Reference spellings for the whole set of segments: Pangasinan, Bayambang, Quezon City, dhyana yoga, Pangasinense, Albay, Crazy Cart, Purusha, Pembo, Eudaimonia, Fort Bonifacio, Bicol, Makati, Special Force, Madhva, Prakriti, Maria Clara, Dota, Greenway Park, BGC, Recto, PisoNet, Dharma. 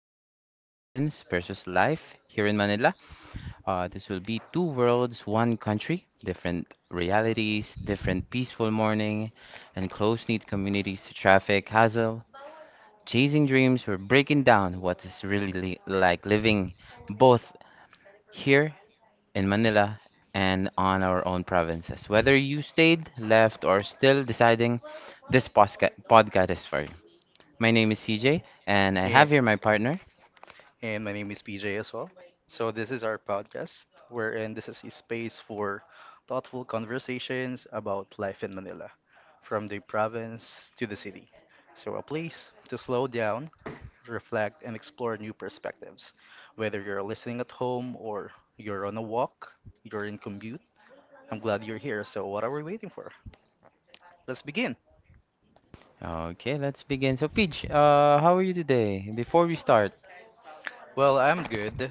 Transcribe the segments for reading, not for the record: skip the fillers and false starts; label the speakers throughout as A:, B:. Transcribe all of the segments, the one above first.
A: being in province versus life here in Manila. This will be two worlds, one country, different realities, different peaceful morning, and close-knit communities to traffic, hassle, chasing dreams. We're breaking down what is really like living both here in Manila and on our own provinces. Whether you stayed, left, or still deciding, this podcast is for you. My name is CJ, and I
B: And And
A: have here my partner.
B: my name is PJ as well. So this is our podcast, wherein this is a space for thoughtful conversations about life in Manila, from the province to the city. So a place to slow down, reflect, and explore new perspectives. Whether you're listening at home or you're on a walk, you're in commute, I'm glad you're here. So what are we waiting for? Let's begin.
A: Okay, let's begin. So, Peach, how are you today? Before we start,
B: Well, I'm good.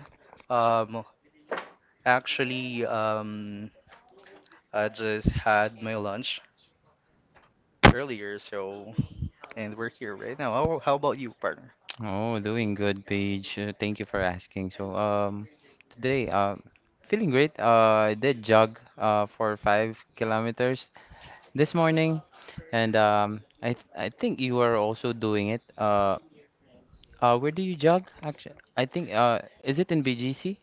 B: Um, Actually, I just had my lunch earlier, so and we're here right now. How about you, partner?
A: oh, doing good, Peach. Thank you for asking. So, today, feeling great. I did jog, for 5 kilometers this morning, and I think you are also doing it. Where do you jog? Actually, I think is it in BGC?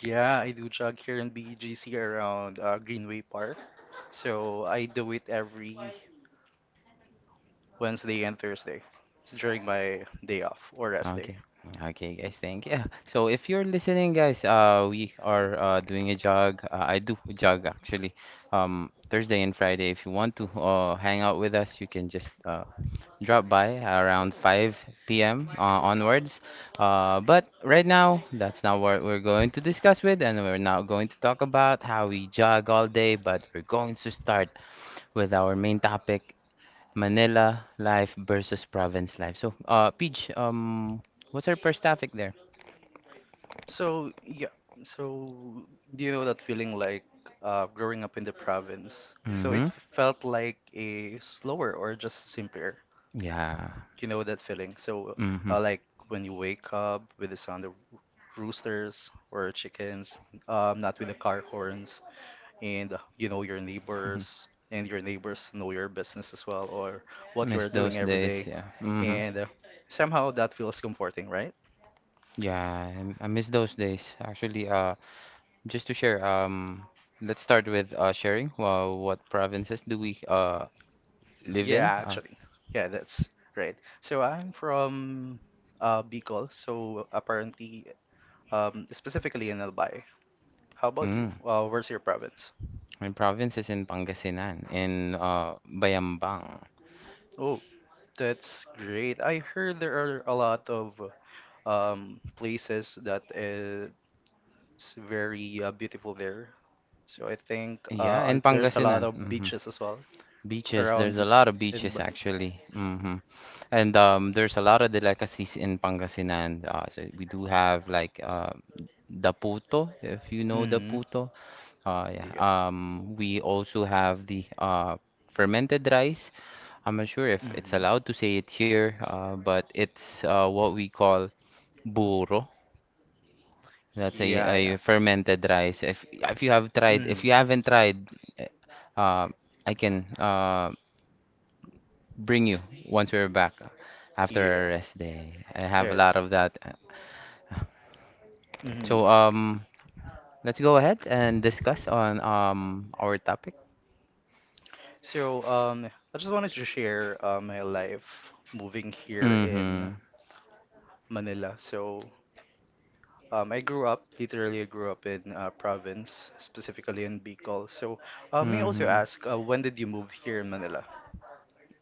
B: Yeah, I do jog here in BGC around Greenway Park. So I do it every Wednesday and Thursday during my day off or rest day.
A: Okay. Okay, guys, thank you. So if you're listening, guys, we are doing a jog. I do jog actually, Thursday and Friday. If you want to hang out with us, you can just drop by around 5 p.m. Onwards. But right now, that's not what we're going to discuss with, and we're not going to talk about how we jog all day, but we're going to start with our main topic Manila life versus province life. So, Peach, what's our first topic there?
B: So yeah, so do you know that feeling, like growing up in the province? So it
A: Mm-hmm.
B: felt like a slower or just simpler.
A: Yeah.
B: You know that feeling. So
A: Mm-hmm.
B: like when you wake up with the sound of roosters or chickens, not with the car horns, and you know your
A: Mhm.
B: neighbors, and your neighbors know your business as well, or what you
A: Miss
B: are doing
A: those
B: every
A: days,
B: day,
A: yeah. Mm-hmm.
B: and somehow that feels comforting, right?
A: Yeah, I miss those days. Actually, just to share, let's start with sharing. Well, what provinces do we live
B: Yeah,
A: in?
B: actually, yeah, that's right. So I'm from Bicol, so apparently, specifically in Albay. How about you?
A: Mm,
B: Where's your province?
A: my province is in Pangasinan, in Bayambang.
B: Oh, that's great. I heard there are a lot of places that it's very beautiful there. So I think
A: Yeah, in
B: there's a lot
A: Pangasinan.
B: of
A: Hmm.
B: beaches as well
A: Beaches,
B: around
A: there's a lot of
B: in
A: beaches
B: but,
A: actually. Hmm. And there's a lot of delicacies in Pangasinan. So we do have like the puto, if you know the
B: mm,
A: puto. Yeah.
B: yeah.
A: We also have the fermented rice. I'm not sure if it's
B: Mhm.
A: allowed to say it here, but it's what we call burro. That's
B: Yeah, yeah.
A: a fermented rice. If you have tried,
B: Mm.
A: if you haven't tried, eh, uh, I can bring you once we're back after our
B: Yeah.
A: rest day. I have a
B: Alright.
A: lot of that.
B: Mhm.
A: So let's go ahead and discuss on our topic.
B: So I just wanted to share my life moving here
A: Mm-hmm.
B: in Manila. So, I grew up, literally, I grew up in province, specifically in Bicol. So, may I also
A: Mm-hmm.
B: ask, when did you move here in Manila?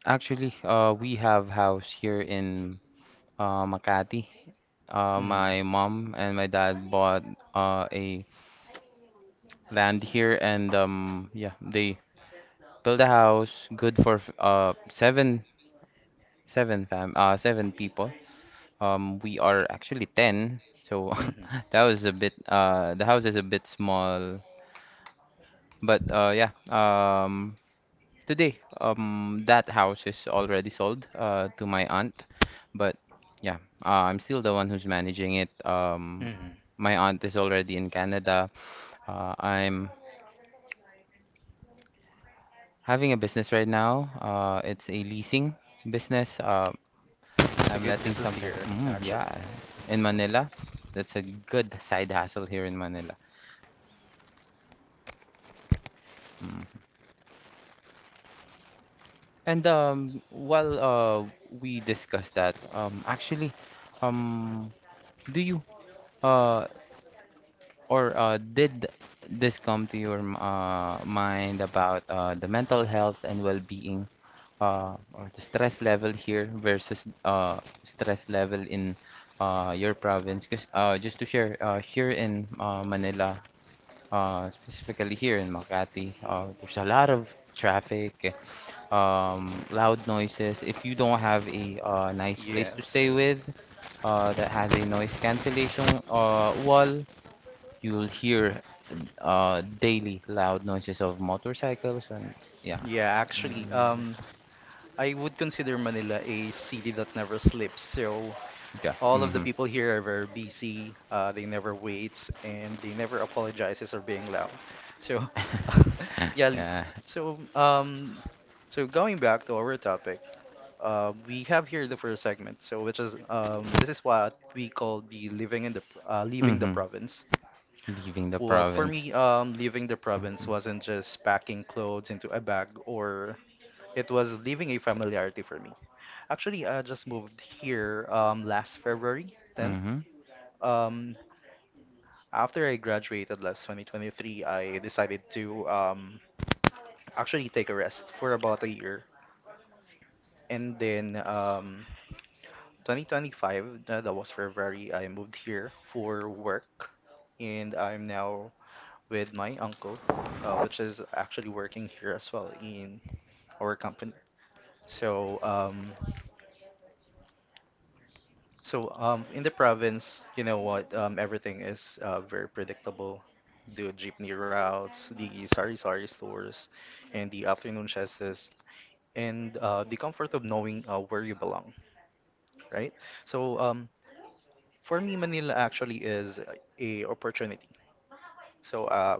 A: Actually, we have house here in Makati. My
B: Hmm.
A: mom and my dad bought a land here, and yeah, they build a house good for seven fam seven people. We are actually 10, so
B: Hmm.
A: that was a bit the house is a bit small, but yeah, today, that house is already sold to my aunt. But yeah, I'm still the one who's managing it.
B: Hmm.
A: My aunt is already in Canada. I'm having a business right now. It's a leasing business.
B: That's a
A: I'm
B: good
A: letting
B: business
A: something.
B: here,
A: Mm,
B: actually.
A: yeah, in Manila. That's a good side hustle here in Manila. Mm. And while we discussed that, actually, um, do you uh, or did this come to your mind about the mental health and well-being, or the stress level here versus stress level in your province? Because just to share, here in Manila, specifically here in Makati, there's a lot of traffic, loud noises. If you don't have a nice place to
B: Yes.
A: stay with, that has a noise cancellation wall, you'll hear daily loud noises of motorcycles, and yeah,
B: Yeah, actually,
A: mm,
B: I would consider Manila a city that never sleeps. So,
A: yeah.
B: all of the
A: Mhm.
B: people here are very busy. They never waits and they never apologizes or being loud. So, yeah.
A: Yeah.
B: So um, so, going back to our topic, we have here the first segment. So which is, this is what we call the living in the pr- leaving the
A: Mm-hmm.
B: province.
A: Leaving the
B: For
A: province.
B: me, leaving the province wasn't just packing clothes into a bag, or it was leaving a familiarity for me. Actually, I just moved here last February 10th,
A: Mm-hmm.
B: um, after I graduated last 2023. I decided to actually take a rest for about a year. And then, 2025, that was February, I moved here for work. And I'm now with my uncle, which is actually working here as well in our company. So um, So, in the province, you know what? Everything is very predictable. The jeepney routes, the sari-sari stores, and the afternoon siestas, and the comfort of knowing where you belong, right? So, for me, Manila actually is a opportunity. So,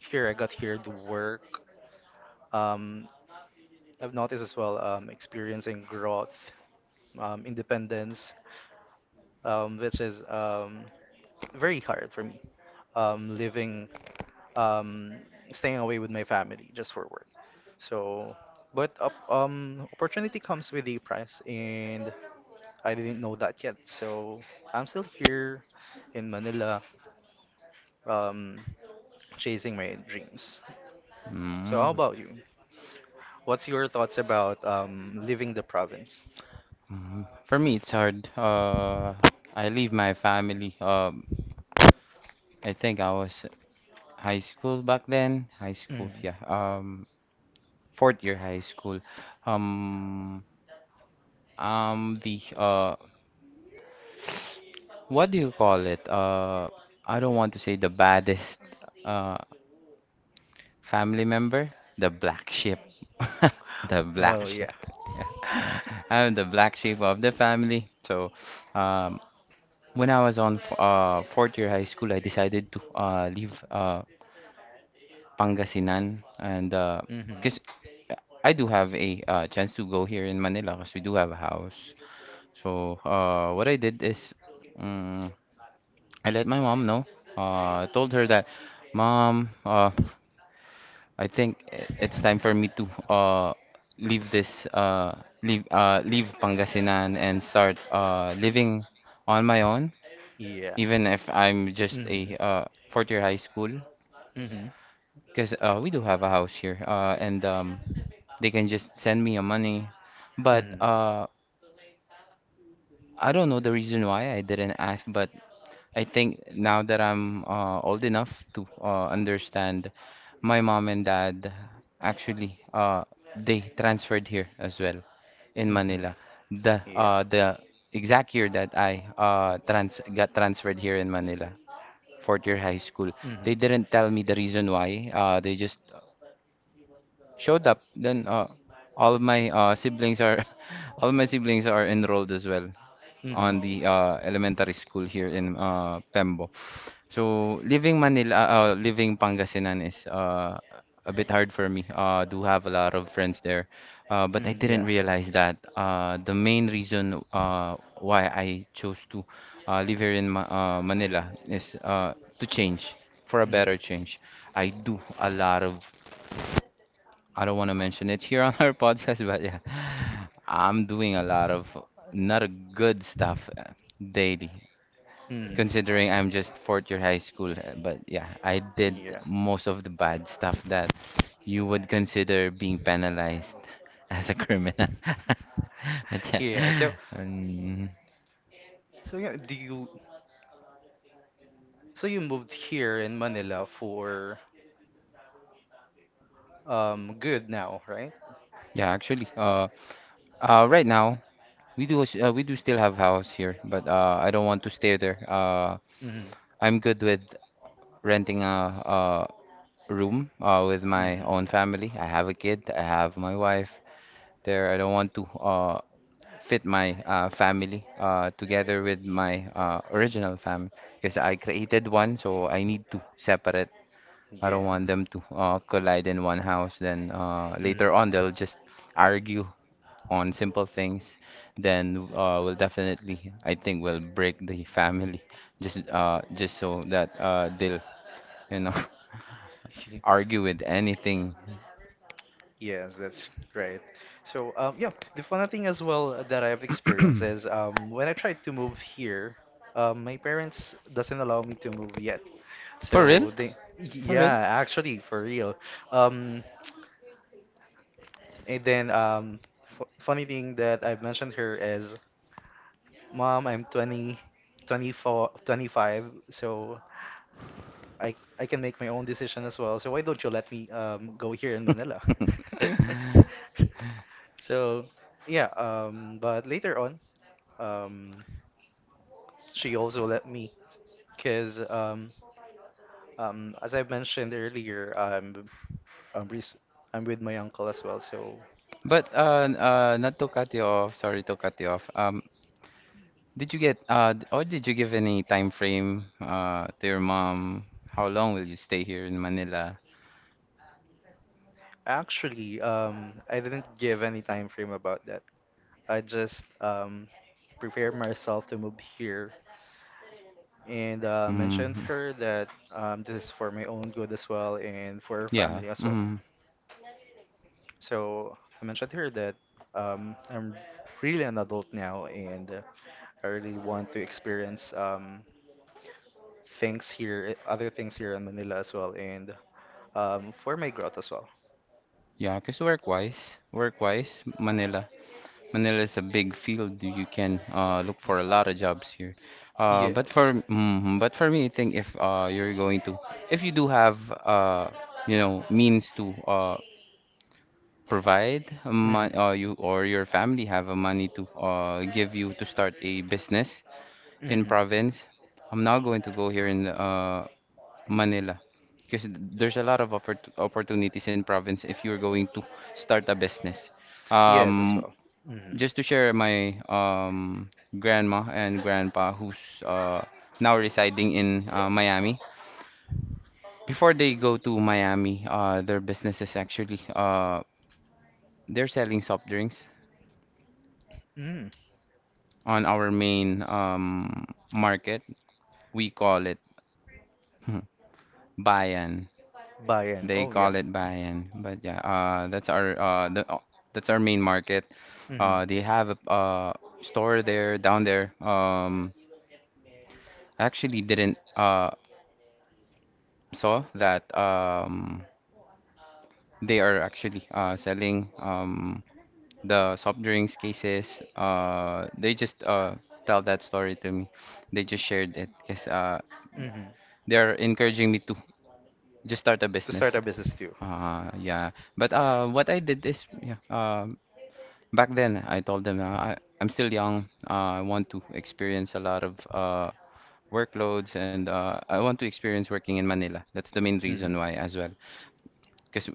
B: here I got here to work. Um, I've noticed as well experiencing growth, independence, which is very hard for me. Living, um, staying away with my family just for work. So, but up, opportunity comes with a price, and I didn't know that yet. So I'm still here in Manila, um, chasing my dreams. So how
A: Mm-hmm.
B: about you? What's your thoughts about leaving the province?
A: Mhm. For me, it's hard. I leave my family. I think I was high school back then. High
B: Mm.
A: school, yeah. Fourth year high school. Um, the what do you call it? I don't want to say the baddest. Uh, Family member? The black sheep. The black
B: Oh
A: sheep.
B: yeah.
A: Yeah. I'm the black sheep of the family. So, um, when I was on f fourth year high school, I decided to leave Pangasinan, and
B: Hmm.
A: because I do have a chance to go here in Manila, because we do have a house. So, what I did is, um, I let my mom know. I told her that, Mom, I think it's time for me to leave this leave leave Pangasinan and start living on my own,
B: Yeah.
A: even if I'm just a
B: Hmm.
A: fourth year high school,
B: Hmm.
A: because we do have a house here, and they can just send me a money, but
B: Mm-hmm.
A: I don't know the reason why I didn't ask, but I think now that I'm old enough to understand, my mom and dad actually they transferred here as well, in
B: Mm-hmm.
A: Manila. The
B: Yeah.
A: uh the exact year that I trans got transferred here in Manila, fourth year high school. They didn't tell
B: Mm-hmm.
A: me the reason why. They just showed up. Then all of my siblings are all of my siblings are enrolled as well
B: Mm-hmm.
A: on the elementary school here in Pembo. So leaving Manila, leaving Pangasinan is a bit hard for me. I do have a lot of friends there, but I
B: Mm,
A: didn't
B: yeah.
A: realize that
B: Mm-hmm.
A: the main reason why I chose to live here in Ma Manila is to change for a better change. I do a lot of. I don't want to mention it here on our podcast, but yeah, I'm doing a lot of not good stuff daily, considering I'm
B: Mm-hmm.
A: just fourth year high school. But yeah, I did
B: Yeah.
A: most of the bad stuff that you would consider being penalized as a criminal. But
B: Yeah.
A: yeah,
B: So, so yeah. Do you? So you moved here in Manila for good now, right?
A: yeah, actually, right now we we do still have house here, but I don't want to stay there.
B: Hmm.
A: I'm good with renting a room with my
B: Hmm.
A: own family. I have a kid, I have my wife there. I don't want to. Fit my family together with my original family, because I created one, so I need to separate. I don't
B: Yeah.
A: want them to collide in one house. Then later
B: Mhm.
A: on, they'll just argue on simple things. Then we'll definitely, I think, we'll break the family just so that they'll, you know, argue with anything.
B: Yes, that's great. So, yeah, the funny thing as well that I've experienced is, when I tried to move here, my parents doesn't allow me to move yet.
A: For real?
B: So they,
A: For
B: yeah,
A: real?
B: actually, for real. Um, and then f funny thing that I've mentioned here is, Mom, I'm 20, 24, 25, so I can make my own decision as well. So why don't you let me go here in Manila? So yeah, but later on, um, she also let me, because as I mentioned earlier, I'm, res I'm with my uncle as well. So
A: But not to cut you off, sorry to cut you off. Did you give any time frame to your mom? How long will you stay here in Manila?
B: actually, I didn't give any time frame about that. I just prepared myself to move here and mentioned to
A: Mm,
B: her that, this is for my own good as well and for her
A: yeah,
B: family as well.
A: Mm,
B: So I mentioned to her that, I'm really an adult now, and I really want to experience things here, other things here in Manila as well, and for my growth as well.
A: yeah, because work-wise, work-wise, Manila, Manila is a big field. You can look for a lot of jobs here. But
B: Yes.
A: for but for me, I think if you do have uh you know means to provide a
B: Hmm.
A: or you or your family have a money to give you to start a business in
B: Hmm.
A: province, I'm not going to go here in Manila, because there's a lot of opportunities in province if you're going to start a business.
B: Yes, as
A: Um,
B: well. Hmm.
A: just to share, my grandma and grandpa who's uh, now residing in Miami. Before they go to Miami, their business is actually they're selling soft drinks
B: Mm.
A: on our main market. We call it bayan.
B: Bayern.
A: They
B: Oh yeah.
A: call it bayan. But yeah, that's our that's our main market.
B: Mm-hmm.
A: They have a store there down there. I actually didn't saw that they are actually selling the soft drinks cases. They just tell that story to me. They just shared it because
B: Mm-hmm.
A: they're encouraging me to just start a
B: To start
A: business.
B: a business too.
A: Yeah. But what I did is, yeah, back then I told them uh, I'm still young. I want to experience a lot of workloads, and I want to experience working in Manila. That's the main
B: Mm-hmm.
A: reason
B: Mm-hmm.
A: why as well. Because,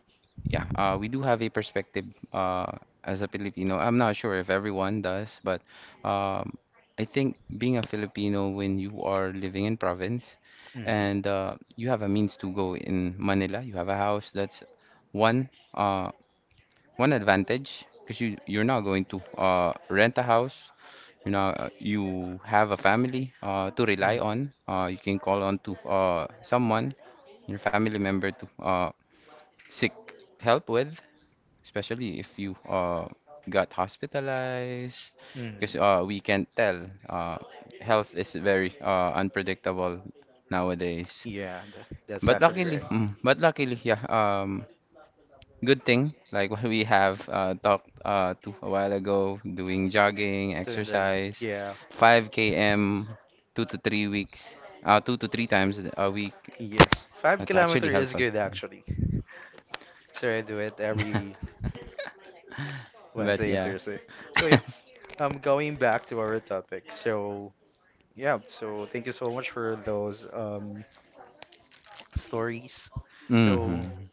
A: yeah, we do have a perspective uh, as a Filipino. I'm not sure if everyone does, but um, I think being a Filipino, when you are living in province, and
B: Mm-hmm.
A: you have a means to go in Manila, you have a house, that's one. One advantage, because you're not going to rent a house. You know, you have a family to rely on. You can call on to someone, your family member to seek help with, especially if you got hospitalized,
B: Mm-hmm.
A: because we can't tell. Health is very unpredictable nowadays.
B: Yeah, that's
A: But
B: actually
A: luckily,
B: right.
A: but luckily, yeah. Good thing, like what we have talked to a while ago, doing jogging,
B: To inject.
A: exercise,
B: Yeah.
A: 5 km, 2 to 3 weeks, two to three times a week.
B: Yes. Five
A: That's actually
B: kilometer is
A: helpful.
B: good, actually. So I do it every
A: But
B: Wednesday and
A: yeah.
B: Thursday. So yeah, going back to our topic. So yeah, so thank you so much for those stories. So
A: hmm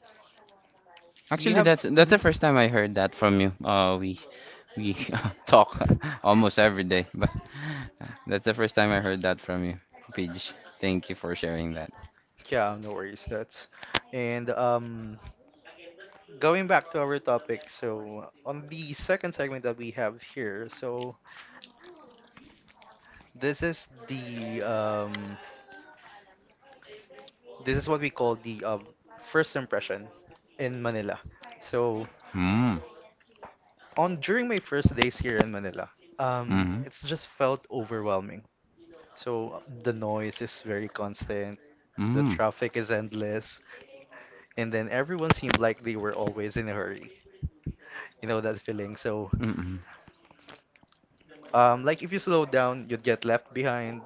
B: we
A: Actually,
B: have.
A: that's the
B: Mhm.
A: first time I heard that from you. We talk almost every day, but that's the first time I heard that from you, Pidge. Thank you for sharing that.
B: Yeah, no worries. That's, and going back to our topic, so on the second segment that we have here, so this is the um This is what we call the first impression in Manila. So
A: Mm.
B: on during my first days here in Manila,
A: Mm-hmm.
B: it's just felt overwhelming. So the noise is very constant, the
A: Mm.
B: traffic is endless, and then everyone seemed like they were always in a hurry. You know that feeling. So
A: Mm-mm.
B: like if you slow down, you'd get left behind.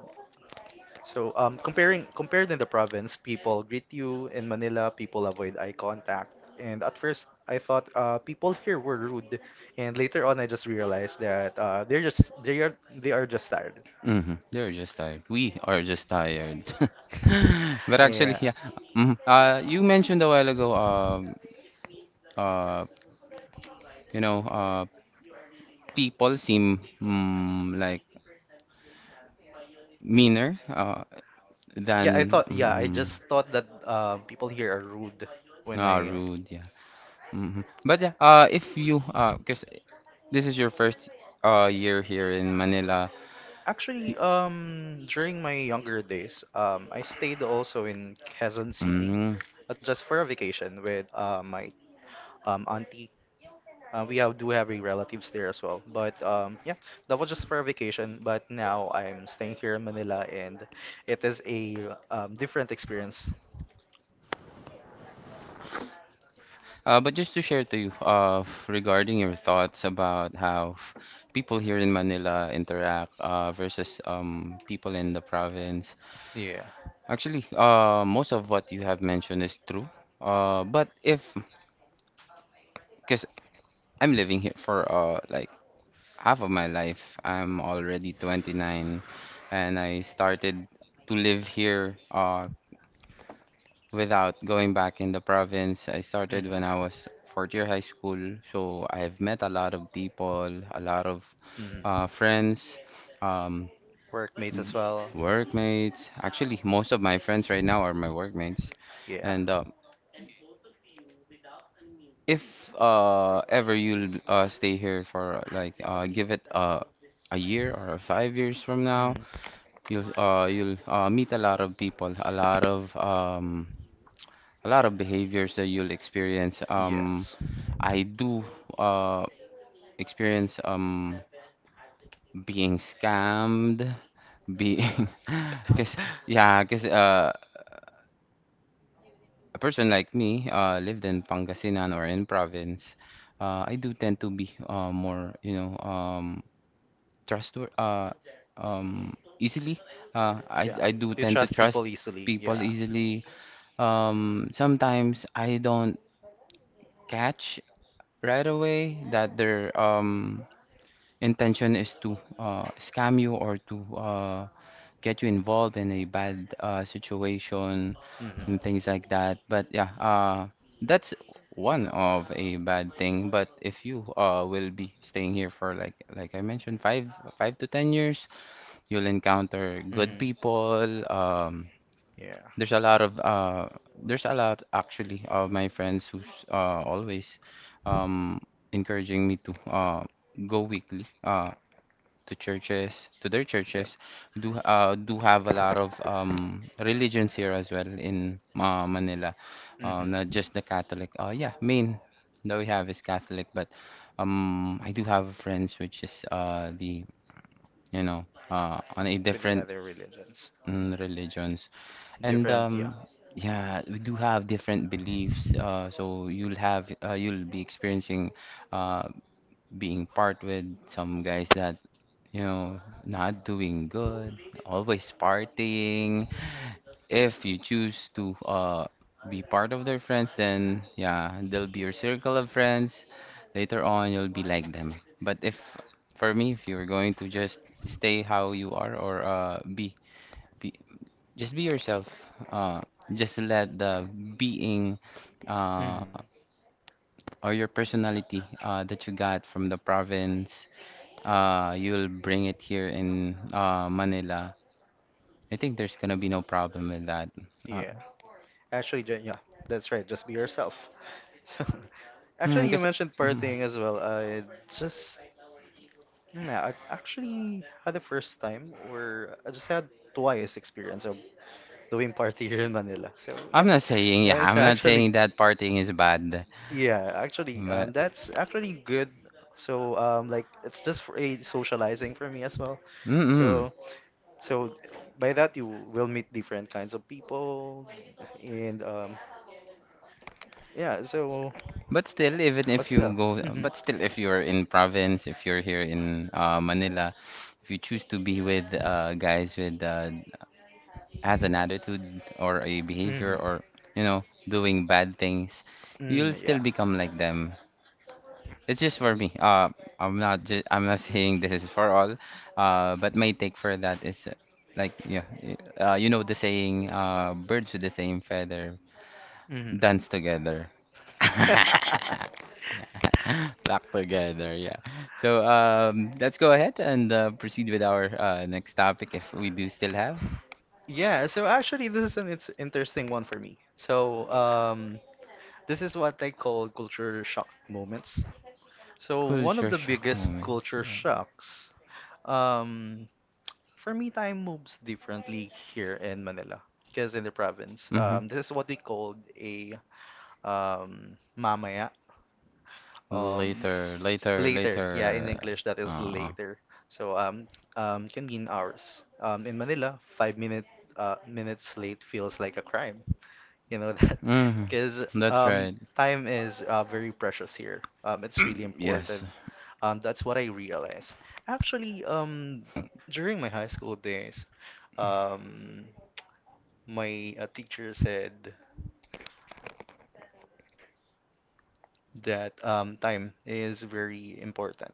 B: So, comparing compared in the province, people greet you. In Manila, people avoid eye contact. And at first, I thought people here were rude, and later on, I just realized that they are just tired.
A: Mm-hmm. They're just tired. We are just tired. But actually,
B: Yeah,
A: yeah. Mhm. You mentioned a while ago, uh, you know, people seem like meaner
B: yeah. I
A: than
B: thought, yeah. I
A: mm,
B: just thought that people here are rude when
A: Ah,
B: I
A: rude, yeah. Hmm. But yeah, if you, because this is your first year here in Manila. y-
B: actually during my younger days I stayed also in Quezon City,
A: Mm.
B: just for a vacation with my auntie. We have do have relatives there as well. But yeah, that was just for a vacation. But now I'm staying here in Manila, and it is a different experience.
A: But just to share to you regarding your thoughts about how people here in Manila interact versus people in the province.
B: Yeah.
A: Actually, most of what you have mentioned is true. But if, because I'm living here for like half of my life, I'm already 29 and I started to live here. Without going back in the province. I started
B: Mhm.
A: when I was fourth year high school, so I've met a lot of people, a lot of
B: Mhm.
A: friends, um,
B: Workmates as well.
A: workmates. Actually, most of my friends right now are my workmates.
B: Yeah.
A: And if ever you'll stay here for like give it a year or 5 years from now,
B: Mhm.
A: you'll meet a lot of people, a lot of behaviors that you'll experience.
B: Yes.
A: I do uh experience being scammed, being because yeah, because a person like me lived in Pangasinan or in province, I do tend to be more trustworthy easily uh I
B: Yeah.
A: I do
B: You
A: tend to
B: trust
A: trust
B: people easily.
A: people
B: Yeah.
A: easily. Sometimes I don't catch right away that they're intention is to scam you or to get you involved in a bad situation
B: Mm-hmm.
A: and things like that. But that's one of a bad thing. But if you will be staying here for like I mentioned, 5 to 10 years, you'll encounter good
B: Mm-hmm.
A: people. Um,
B: Yeah.
A: there's a lot of there's a lot actually of my friends who's always um, encouraging me to go weekly. To churches, to their
B: Yep.
A: churches, do have a lot of religions here as well in Manila,
B: Mm-hmm.
A: not just the Catholic. Yeah, main that we have is Catholic, but I do have friends which is the on a
B: With the
A: different
B: other religions.
A: religions and
B: Different. Yeah.
A: um, yeah, we do have different beliefs. So you'll be experiencing uh, being part with some guys that you know, not doing good, always partying. If you choose to be part of their friends, then yeah, they'll be your circle of friends. Later on, you'll be like them. But if, for me, if you're going to just stay how you are or be, just be yourself. Uh, just let the being uh,
B: Mm-hmm.
A: or your personality that you got from the province, you'll bring it here in Manila. I think there's gonna be no problem with that. Uh,
B: Yeah. Actually, yeah, that's right. Just be yourself. So,
A: hmm,
B: actually, you
A: 'cause-
B: mentioned
A: mhm.
B: partying as well. I just Mm, yeah, I actually had the first time, or I just had twice experience of doing party here in Manila. So
A: I'm
B: yeah,
A: not saying, yeah,
B: it's
A: I'm not
B: actually,
A: saying that partying is bad,
B: yeah, actually,
A: but
B: that's actually good. So like it's just for a socializing for me as well.
A: mm-mm.
B: So so, by that you will meet different kinds of people, and yeah. So
A: But still, even
B: but
A: if you
B: still,
A: go,
B: hmm,
A: but still, if you're in province, if you're here in Manila, if you choose to be with guys with has an attitude or a behavior
B: hmm,
A: or you know doing bad things, you'll
B: mm,
A: still
B: yeah.
A: become like them. It's just for me. I'm not I'm not saying this is for all. But my take for that is like yeah, you know the saying, birds with the same feather
B: Mhm.
A: dance together. Yeah. Flock together, yeah. So let's go ahead and proceed with our next topic if we do still have
B: Yeah, so actually this is an it's interesting one for me. So, this is what I call culture shock moments. So, one of
A: culture
B: the
A: shock
B: biggest
A: moments.
B: culture shocks, um, for me, time moves differently here in Manila. Because in the province,
A: Mm-hmm.
B: this is what we called a, mamaya. um
A: Later, later,
B: Later, yeah, in
A: later.
B: English that is
A: Uh-uh.
B: later. So can mean hours in Manila, five minutes late feels like a crime, you know that.
A: Hmm.
B: Because
A: That's
B: um
A: right.
B: time is very precious here. It's really
A: Yes.
B: important. That's what I realized, actually. During my high school days, um my teacher said that, time is very important.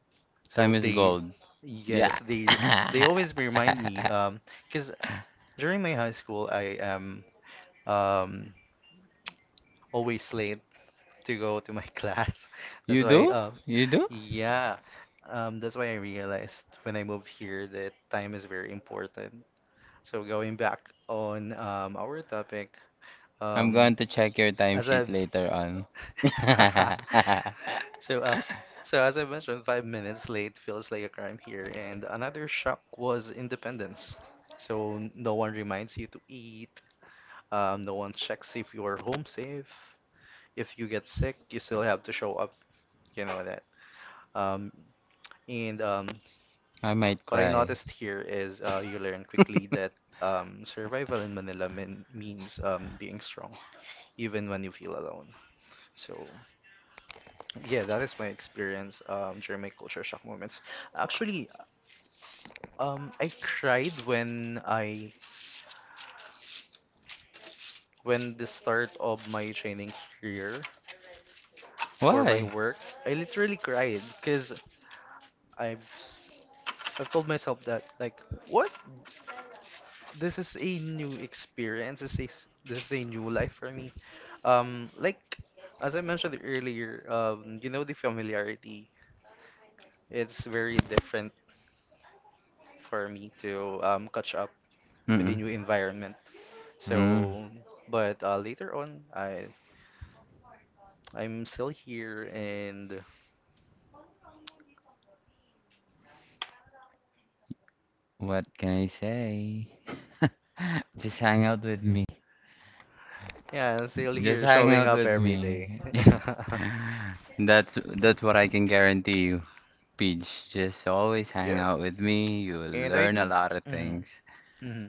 B: So
A: Time is
B: they,
A: gold.
B: yes,
A: Yeah.
B: they always remind me, because during my high school I am um always late to go to my class. That's
A: You
B: why.
A: do? You do?
B: Yeah, that's why I realized when I moved here that time is very important. So going back on our topic,
A: I'm
B: um
A: going to check your
B: as I
A: timesheet later on.
B: So, as I mentioned, 5 minutes late feels like a crime here. And another shock was independence. So no one reminds you to eat. No one checks if you are home safe. If you get sick, you still have to show up. You know that. Um, and
A: I might
B: what I
A: cry.
B: noticed here is you learn quickly that survival in Manila means being strong, even when you feel alone. So. Yeah, that is my experience during my culture shock moments. Actually, I cried when I when the start of my training here for my
A: Why?
B: work. I literally cried because I've s- I've told myself that, like, what, this is a new experience. This is a new life for me. Like as I mentioned earlier, you know the familiarity. It's very different for me to catch up with a
A: Mm-mm.
B: new environment.
A: Mm.
B: So, but later on, I'm still here, and
A: What can I say? Just hang out with me.
B: yeah, I'm still
A: Just
B: here
A: hang
B: showing
A: out
B: up
A: with
B: every day.
A: me. That's what I can guarantee you, Peach. Just always hang
B: Yeah,
A: out with me. You will
B: and I
A: learn a
B: do.
A: lot of things.
B: Mm-hmm. Mm-hmm.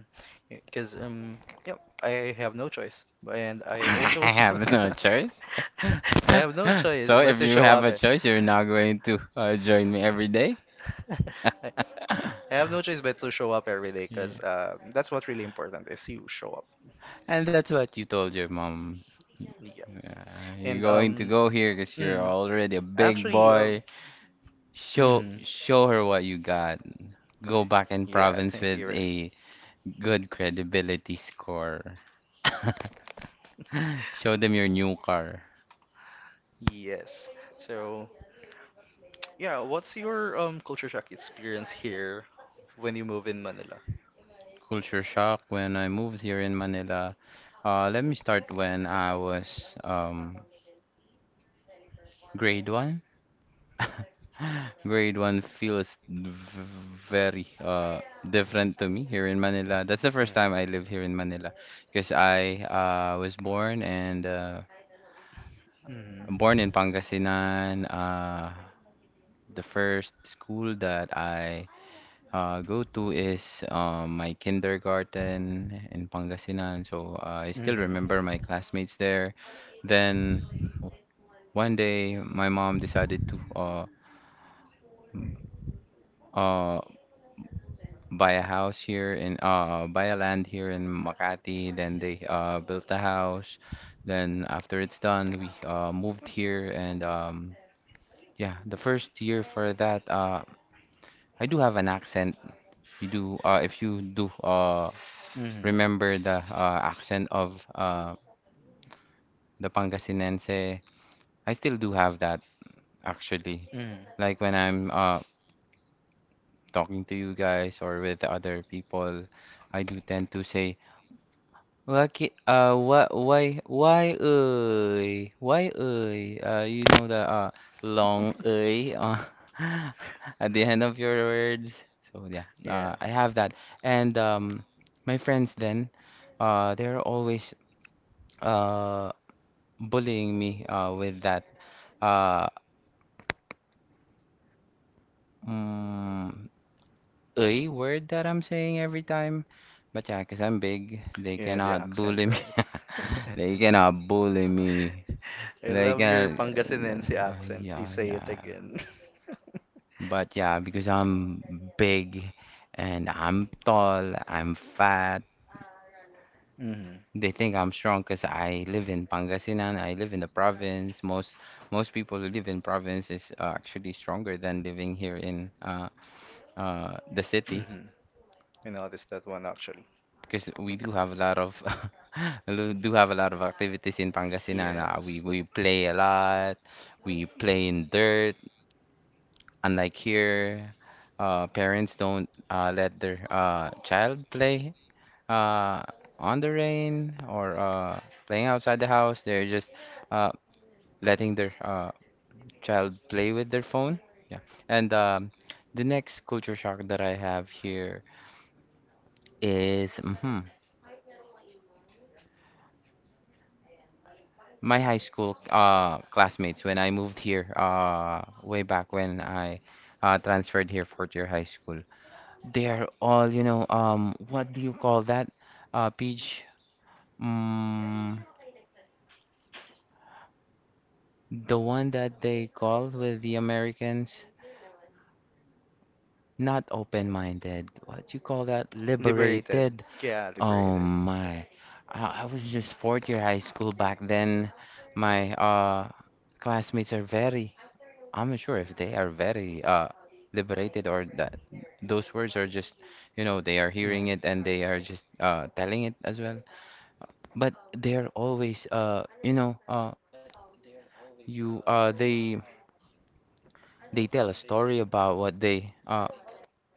B: Because yep, I have no choice, and I also
A: I have no choice.
B: I have no choice
A: So if
B: but to
A: you
B: show
A: have
B: up.
A: a
B: Eh.
A: choice, you're not going to join me every day.
B: I I have no choice but to show up every day,
A: Yeah.
B: because that's what really important is you show up.
A: And that's what you told your mom.
B: Yeah,
A: You're
B: and
A: going to
B: um.
A: go here because you're
B: Mm.
A: already a big
B: Actually,
A: boy.
B: mm.
A: Show her what you got. Go back in
B: Yeah,
A: province
B: thank
A: with
B: you.
A: a good credibility score. Show them your new car.
B: Yes. So, yeah, what's your culture shock experience here when you move in Manila?
A: Culture shock when I moved here in Manila. Let me start when I was grade one. Grade one feels very different to me here in Manila. That's the first time I live here in Manila because I was born and
B: Mm-hmm.
A: born in Pangasinan. The first school that I go to is my kindergarten in Pangasinan. So I still
B: Mm-hmm.
A: remember my classmates there. Then one day, my mom decided to uh, buy a house here in buy a land here in Makati. Then they built a house. Then after it's done, we moved here and yeah, the first year for that, I do have an accent. You do, if you do
B: Mm-hmm.
A: remember the accent of the Pangasinense, I still do have that actually.
B: Mm-hmm.
A: Like when I'm talking to you guys or with the other people, I do tend to say Lucky, what, why, ơi, you know the, long, ơi, at the end of your words. So, yeah,
B: Yeah.
A: I have that. And, my friends then, they're always, uh, bullying me, with that, uh, mm, ơi word that I'm saying every time. But yeah, because I'm big, they
B: Yeah, the
A: cannot
B: accent,
A: bully me.
B: right?
A: They cannot bully me.
B: I
A: Like,
B: love your Pangasinense
A: yeah.
B: accent.
A: Yeah,
B: Please
A: So yeah.
B: say it
A: yeah.
B: again.
A: But yeah, because I'm big and I'm tall, I'm fat.
B: Hmm.
A: They think I'm strong because I live in Pangasinan. I live in the province. Most people who live in province is actually stronger than living here in the city
B: Hmm. I noticed that one actually.
A: because we do have a lot of we do have a lot of activities in Pangasinan. We
B: Yes.
A: we play a lot. We play in dirt. Unlike here, parents don't let their child play uh, on the rain or playing outside the house. They're just uh, letting their child play with their phone. Yeah. And the next culture shock that I have here is my high school classmates when I moved here way back when I transferred here for your high school. They are all, you know, what do you call that? Peach, mm, the one that they call with the Americans, not open-minded. What you call that?
B: Liberated.
A: Liberated.
B: Yeah,
A: Oh
B: liberated.
A: my. I was just fourth year high school back then. My classmates are very, I'm not sure if they are very liberated or that those words are just, you know, they are hearing it and they are just telling it as well. But they're always, you, uh, they, they tell a story about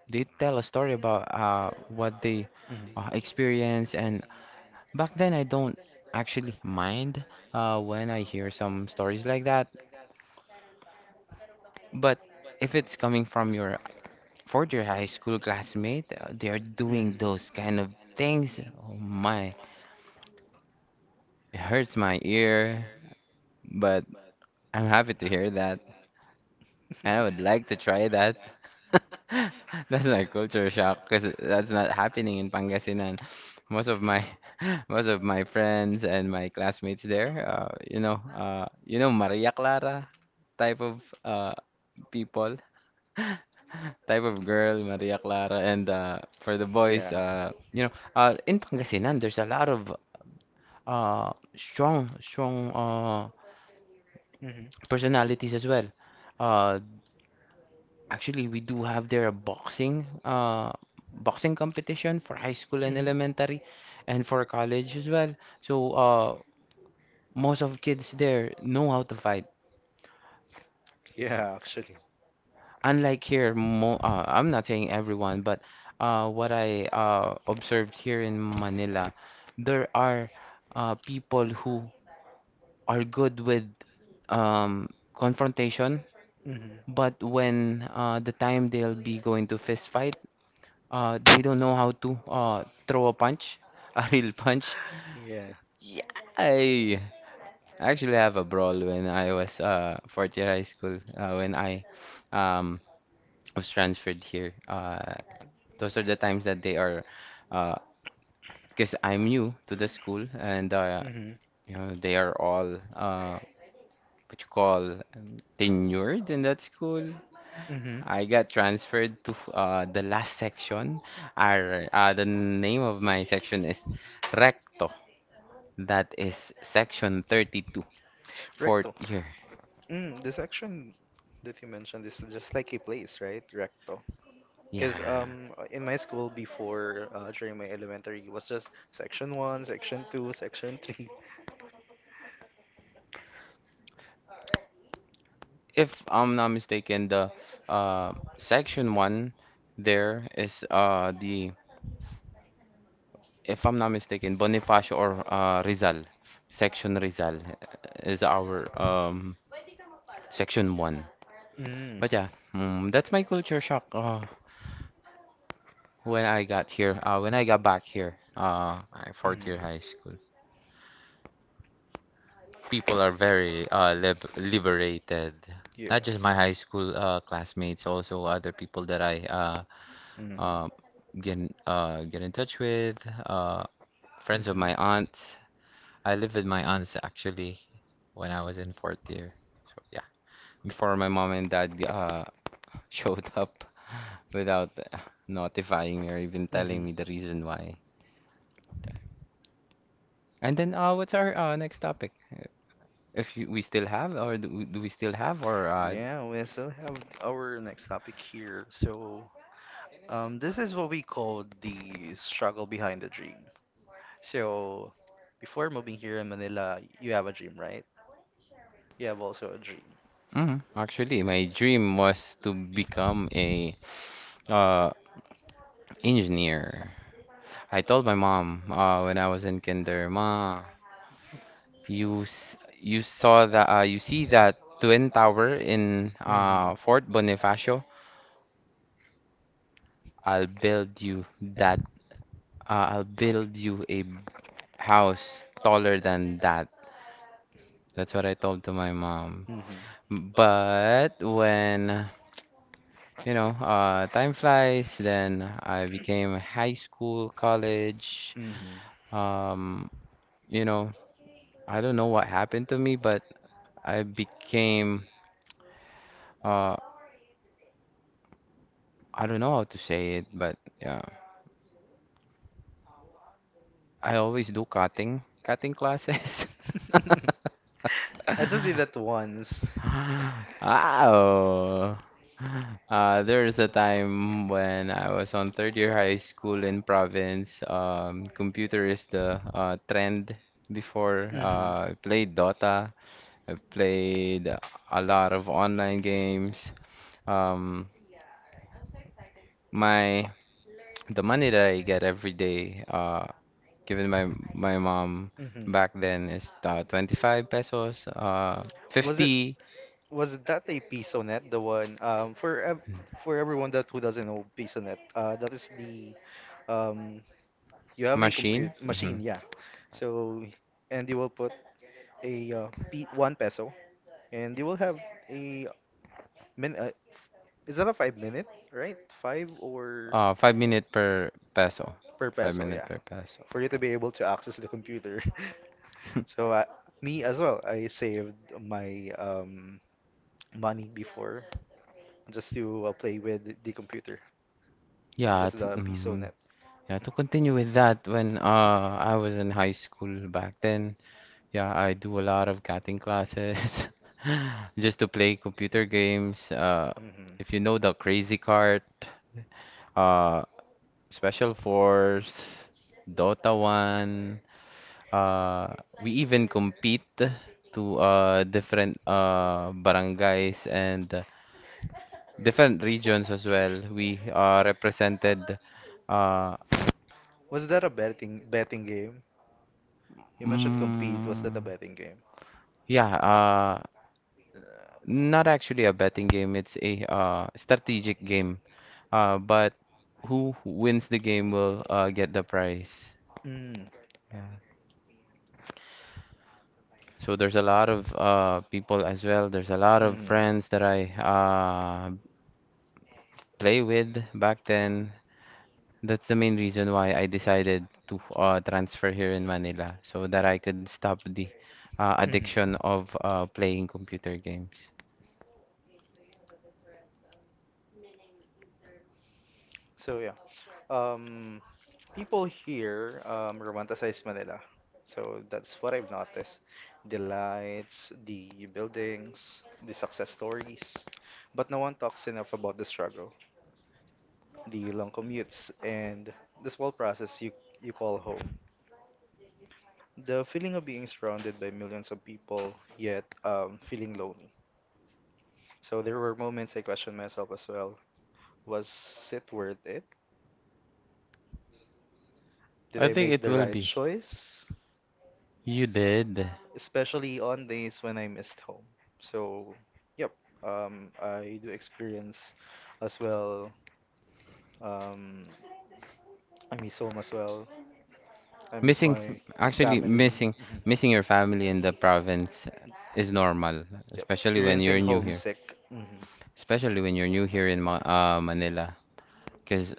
A: they tell a story about what
B: Mhm.
A: they experience. And back then, I don't actually mind when I hear some stories like that. But if it's coming from your fourth year high school classmate, they're
B: Mhm.
A: doing those kind of things. Oh my, it hurts my ear, but I'm happy to hear that. And I would like to try that. That's my culture shock
B: Mhm.
A: because that's not happening in Pangasinan. Most of my most of my friends and my classmates there, you know Maria Clara type of people, type of girl, Maria Clara, and for the boys,
B: Yeah.
A: in Pangasinan, there's a lot of strong, strong
B: Mhm.
A: personalities as well. Uh, Actually, we do have there a boxing boxing competition for high school and
B: Mhm.
A: elementary and for college as well. So most of kids there know how to fight.
B: Yeah, actually.
A: Unlike here, mo I'm not saying everyone, but what I observed here in Manila, there are people who are good with um confrontation,
B: Mhm.
A: but when the time they'll be going to fist fight, they don't know how to throw a punch, a real punch.
B: Yeah.
A: Yeah, I actually have a brawl when I was fourth year high school, when I um was transferred here. Those are the times that they are, uh because I'm new to the school, and
B: Mhm.
A: they are all, what you call, tenured in that school.
B: Mhm.
A: I got transferred to the last section. The name of my section is Recto. That is section 32, fourth
B: Recto.
A: year.
B: Mm, the section that you mentioned is just like a place, right? Recto. Because
A: Yeah.
B: in my school before, during my elementary, it was just section one, section two, section three.
A: If I'm not mistaken, the section one there is, if I'm not mistaken, Bonifacio or Rizal. Section Rizal is our section one.
B: Mm.
A: But yeah, that's my culture shock. When I got here, when I got back here,
B: Mm.
A: fourth year high school, people are very liberated. Not just
B: Yes.
A: my high school classmates, also other people that I
B: Mm.
A: uh get in touch with, uh friends of
B: Mhm.
A: my aunts. I lived with my aunts, actually, when I was in fourth year. So yeah, before my mom and dad showed up without notifying me or even
B: Hmm.
A: telling me the reason why. And then, what's our next topic? If you, we still have, Do we still have, or uh,
B: Yeah, we still have our next topic here. So, this is what we call the struggle behind the dream. So, before moving here in Manila, you have a dream, right? You have also a dream.
A: mm, Actually, my dream was to become a uh engineer. I told my mom when I was in kinder, ma, you s- you saw that you see that twin tower in
B: Hmm.
A: Fort Bonifacio. I'll build you that. I'll build you a house taller than that. That's what I told to my mom.
B: Hmm.
A: But when, time flies, then I became high school, college.
B: Hmm.
A: Um, you know, I don't know what happened to me, but I became, uh, I don't know how to say it, but yeah, I always do cutting classes.
B: I just did that once.
A: Wow. There's a time when I was on third year high school in province. Computer is the trend before.
B: Hmm.
A: I played Dota. I played a lot of online games. Um, my the money that I get every day, given my mom
B: Hmm.
A: back then, is 25 pesos,
B: Was it
A: 50.
B: was it that a PisoNet, the one for ev for everyone that who doesn't know PisoNet, that is the um you have a compute
A: Machine? Mm-hmm.
B: machine, yeah. So, and you will put a p one peso, and you will have a min is that a 5 minute, right? Five or
A: 5 minute per peso.
B: per
A: Five
B: peso,
A: minute
B: yeah.
A: per peso.
B: For you to be able to access the computer. So me as well, I saved my money before just to play with the computer,
A: Yeah,
B: just the PSONet.
A: yeah. To continue with that, when I was in high school back then, yeah, I do a lot of cutting classes, just to play computer games.
B: Hmm.
A: If you know the Crazy Cart, uh, Special Force, Dota 1, uh, we even compete to different, barangays, and different regions as well. We are represented, uh,
B: Was that a betting betting game? You mentioned compete. Was that a
A: mm,
B: betting game?
A: yeah, not actually a betting game, it's a strategic game. But who wins the game will get the prize.
B: Mm.
A: Yeah. So there's a lot of people as well. There's a lot of friends that I play with back then. That's the main reason why I decided to transfer here in Manila so that I could stop the
B: Mhm. Mhm.
A: addiction of playing computer games.
B: So yeah, um, people here romanticize Manila. So that's what I've noticed. The lights, the buildings, the success stories. But no one talks enough about the struggle, the long commutes, and the small process you call home. The feeling of being surrounded by millions of people, yet feeling lonely. So there were moments I questioned myself as well. Was it worth it? Did
A: I
B: I
A: think
B: make
A: it
B: the
A: will
B: right
A: be.
B: choice?
A: You did.
B: Especially on days when I missed home. So, yep, I do experience as well. Um, I miss home as well. I miss
A: Missing,
B: my
A: actually
B: family.
A: missing,
B: Mhm.
A: missing your family in the province is normal,
B: Yep,
A: especially when you're
B: experiencing
A: new here.
B: homesick. Mm-hmm.
A: Especially when you're new here in Ma Manila, because,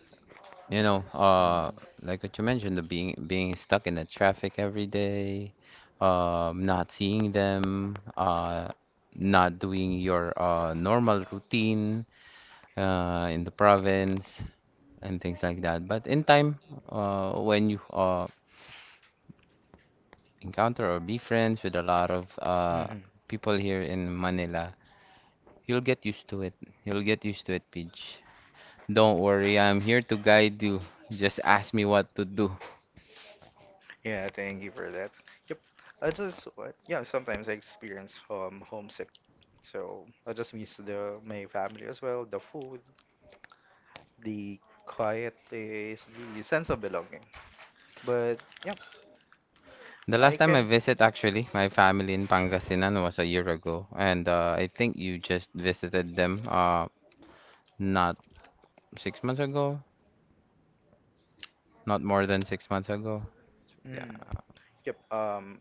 A: you know, uh, like what you mentioned, the being stuck in the traffic every day, not seeing them, not doing your normal routine, in the province, and things like that. But in time, when you encounter or be friends with a lot of
B: Mm-hmm.
A: people here in Manila, you'll get used to it. You'll get used to it, Peach. Don't worry, I'm here to guide you. Just ask me what to do.
B: Yeah, thank you for that. Yep. I just, yeah, sometimes I experience homesick. So I just miss the my family as well, the food, the quiet is the sense of belonging. But yeah,
A: The
B: I
A: last time I
B: can
A: visit, actually, my family in Pangasinan was a year ago, and I think you just visited them, not 6 months ago, not more than 6 months ago. So,
B: Mm,
A: yeah.
B: yep.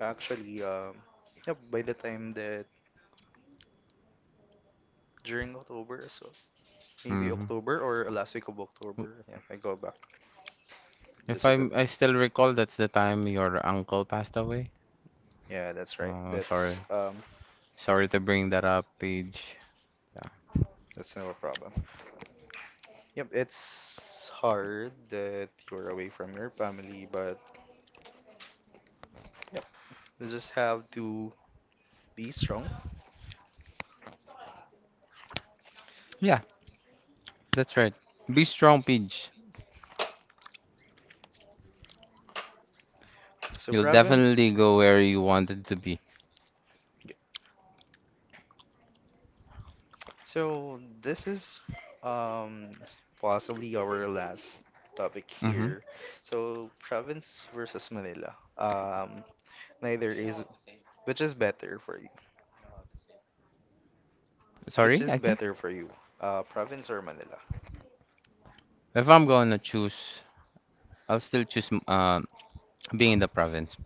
B: Actually, yep. By the time that during October, so maybe
A: hmm
B: October or last week of October, yeah, I go back
A: If
B: visited
A: I
B: them.
A: I still recall, that's the time your uncle passed away.
B: Yeah, that's right.
A: Oh, sorry. Sorry to bring that up, Paige. Yeah,
B: That's no problem. Yep, it's hard that you're away from your family, but you just have to be strong.
A: yeah, that's right. Be strong, Paige.
B: So,
A: You'll
B: Pravin,
A: definitely go where you wanted to be.
B: y- so this is possibly our last topic
A: Mm-hmm.
B: here. So, province versus Manila. Um, neither is which is better for you? Which
A: Sorry,
B: is
A: again?
B: better for you? Province or Manila?
A: If I'm gonna choose, I'll still choose being in the province.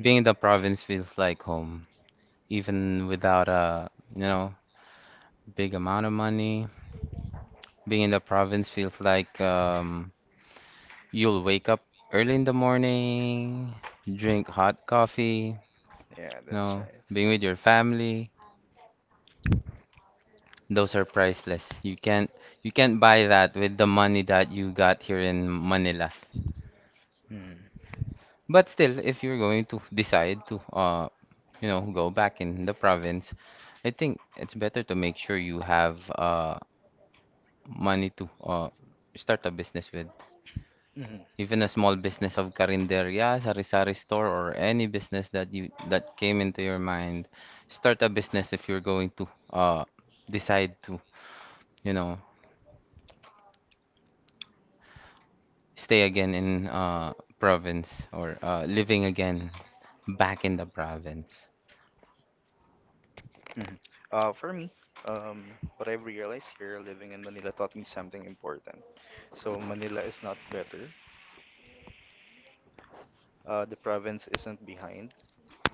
A: Being in the province feels like home, even without a, big amount of money. Being in the province feels like, you'll wake up early in the morning, drink hot coffee,
B: Yeah,
A: you
B: that's
A: know,
B: right.
A: being with your family. Those are priceless. You can't buy that with the money that you got here in Manila.
B: Mm.
A: But still, if you're going to decide to go back in the province, I think it's better to make sure you have money to start a business with.
B: Mhm.
A: Even a small business of karinderya, sari-sari store, or any business that you that came into your mind. Start a business if you're going to decide to, you know. stay again in province, or living again back in the province.
B: Mhm. For me, um, what I've realized here living in Manila taught me something important. So Manila is not better. The province isn't behind.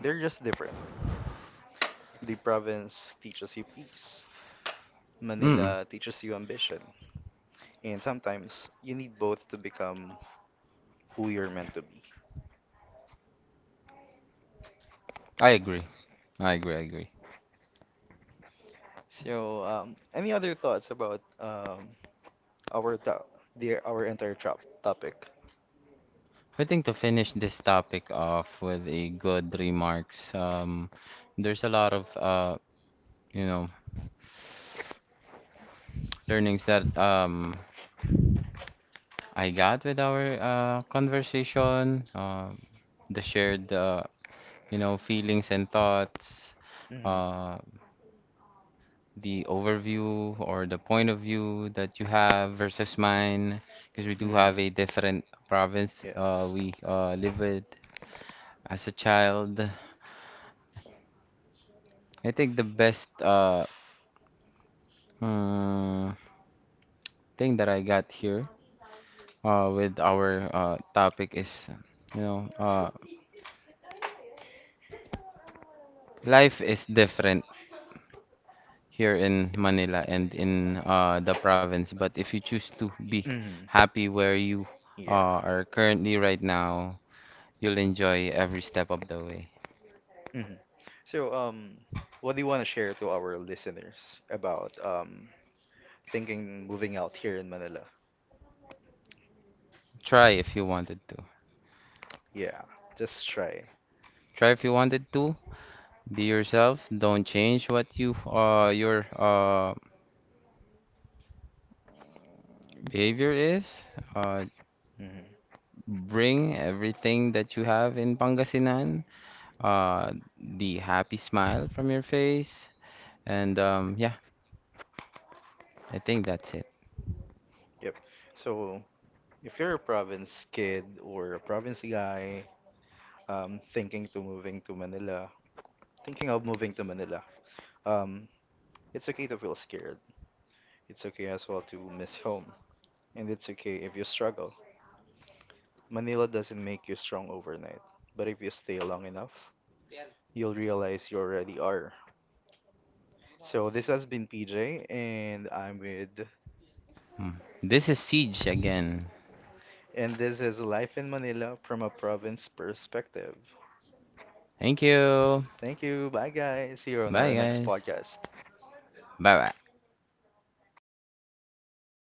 B: They're just different. The province teaches you peace.
A: Mm-mm.
B: Manila teaches you ambition. And sometimes you need both to become who you're meant to be.
A: I agree. I agree. I agree.
B: So, any other thoughts about our to- the our entire topic?
A: I think to finish this topic off with a good remarks, there's a lot of, you know, learnings that, I got with our conversation, the shared, feelings and thoughts.
B: Hmm.
A: Uh, the overview or the point of view that you have versus mine, because we do have a
B: Hmm.
A: different province,
B: Yeah.
A: we live with as a child. I think the best, mm, thing that I got here, with our topic is, you know, uh, life is different here in Manila and in the province. But if you choose to be
B: Hmm.
A: happy where you
B: Yeah.
A: are currently right now, you'll enjoy every step of the way.
B: Hmm. So, what do you want to share to our listeners about thinking moving out here in Manila?
A: Try if you wanted to.
B: Yeah, just try.
A: Try if you wanted to. Be yourself. Don't change what you your behavior is. Uh,
B: Hmm.
A: bring everything that you have in Pangasinan. The happy smile from your face. And yeah, I think that's it.
B: Yep. So, if you're a province kid or a province guy, um, thinking to moving to Manila, thinking of moving to Manila, um, it's okay to feel scared. It's okay as well to miss home. And it's okay if you struggle. Manila doesn't make you strong overnight, but if you stay long enough, you'll realize you already are. So this has been PJ, and
A: Mm. This is Siege again.
B: this is Life in Manila from a Province Perspective.
A: Thank you.
B: Thank you. Bye, guys. See you on our
A: Bye,
B: next
A: guys.
B: podcast.
A: Bye bye.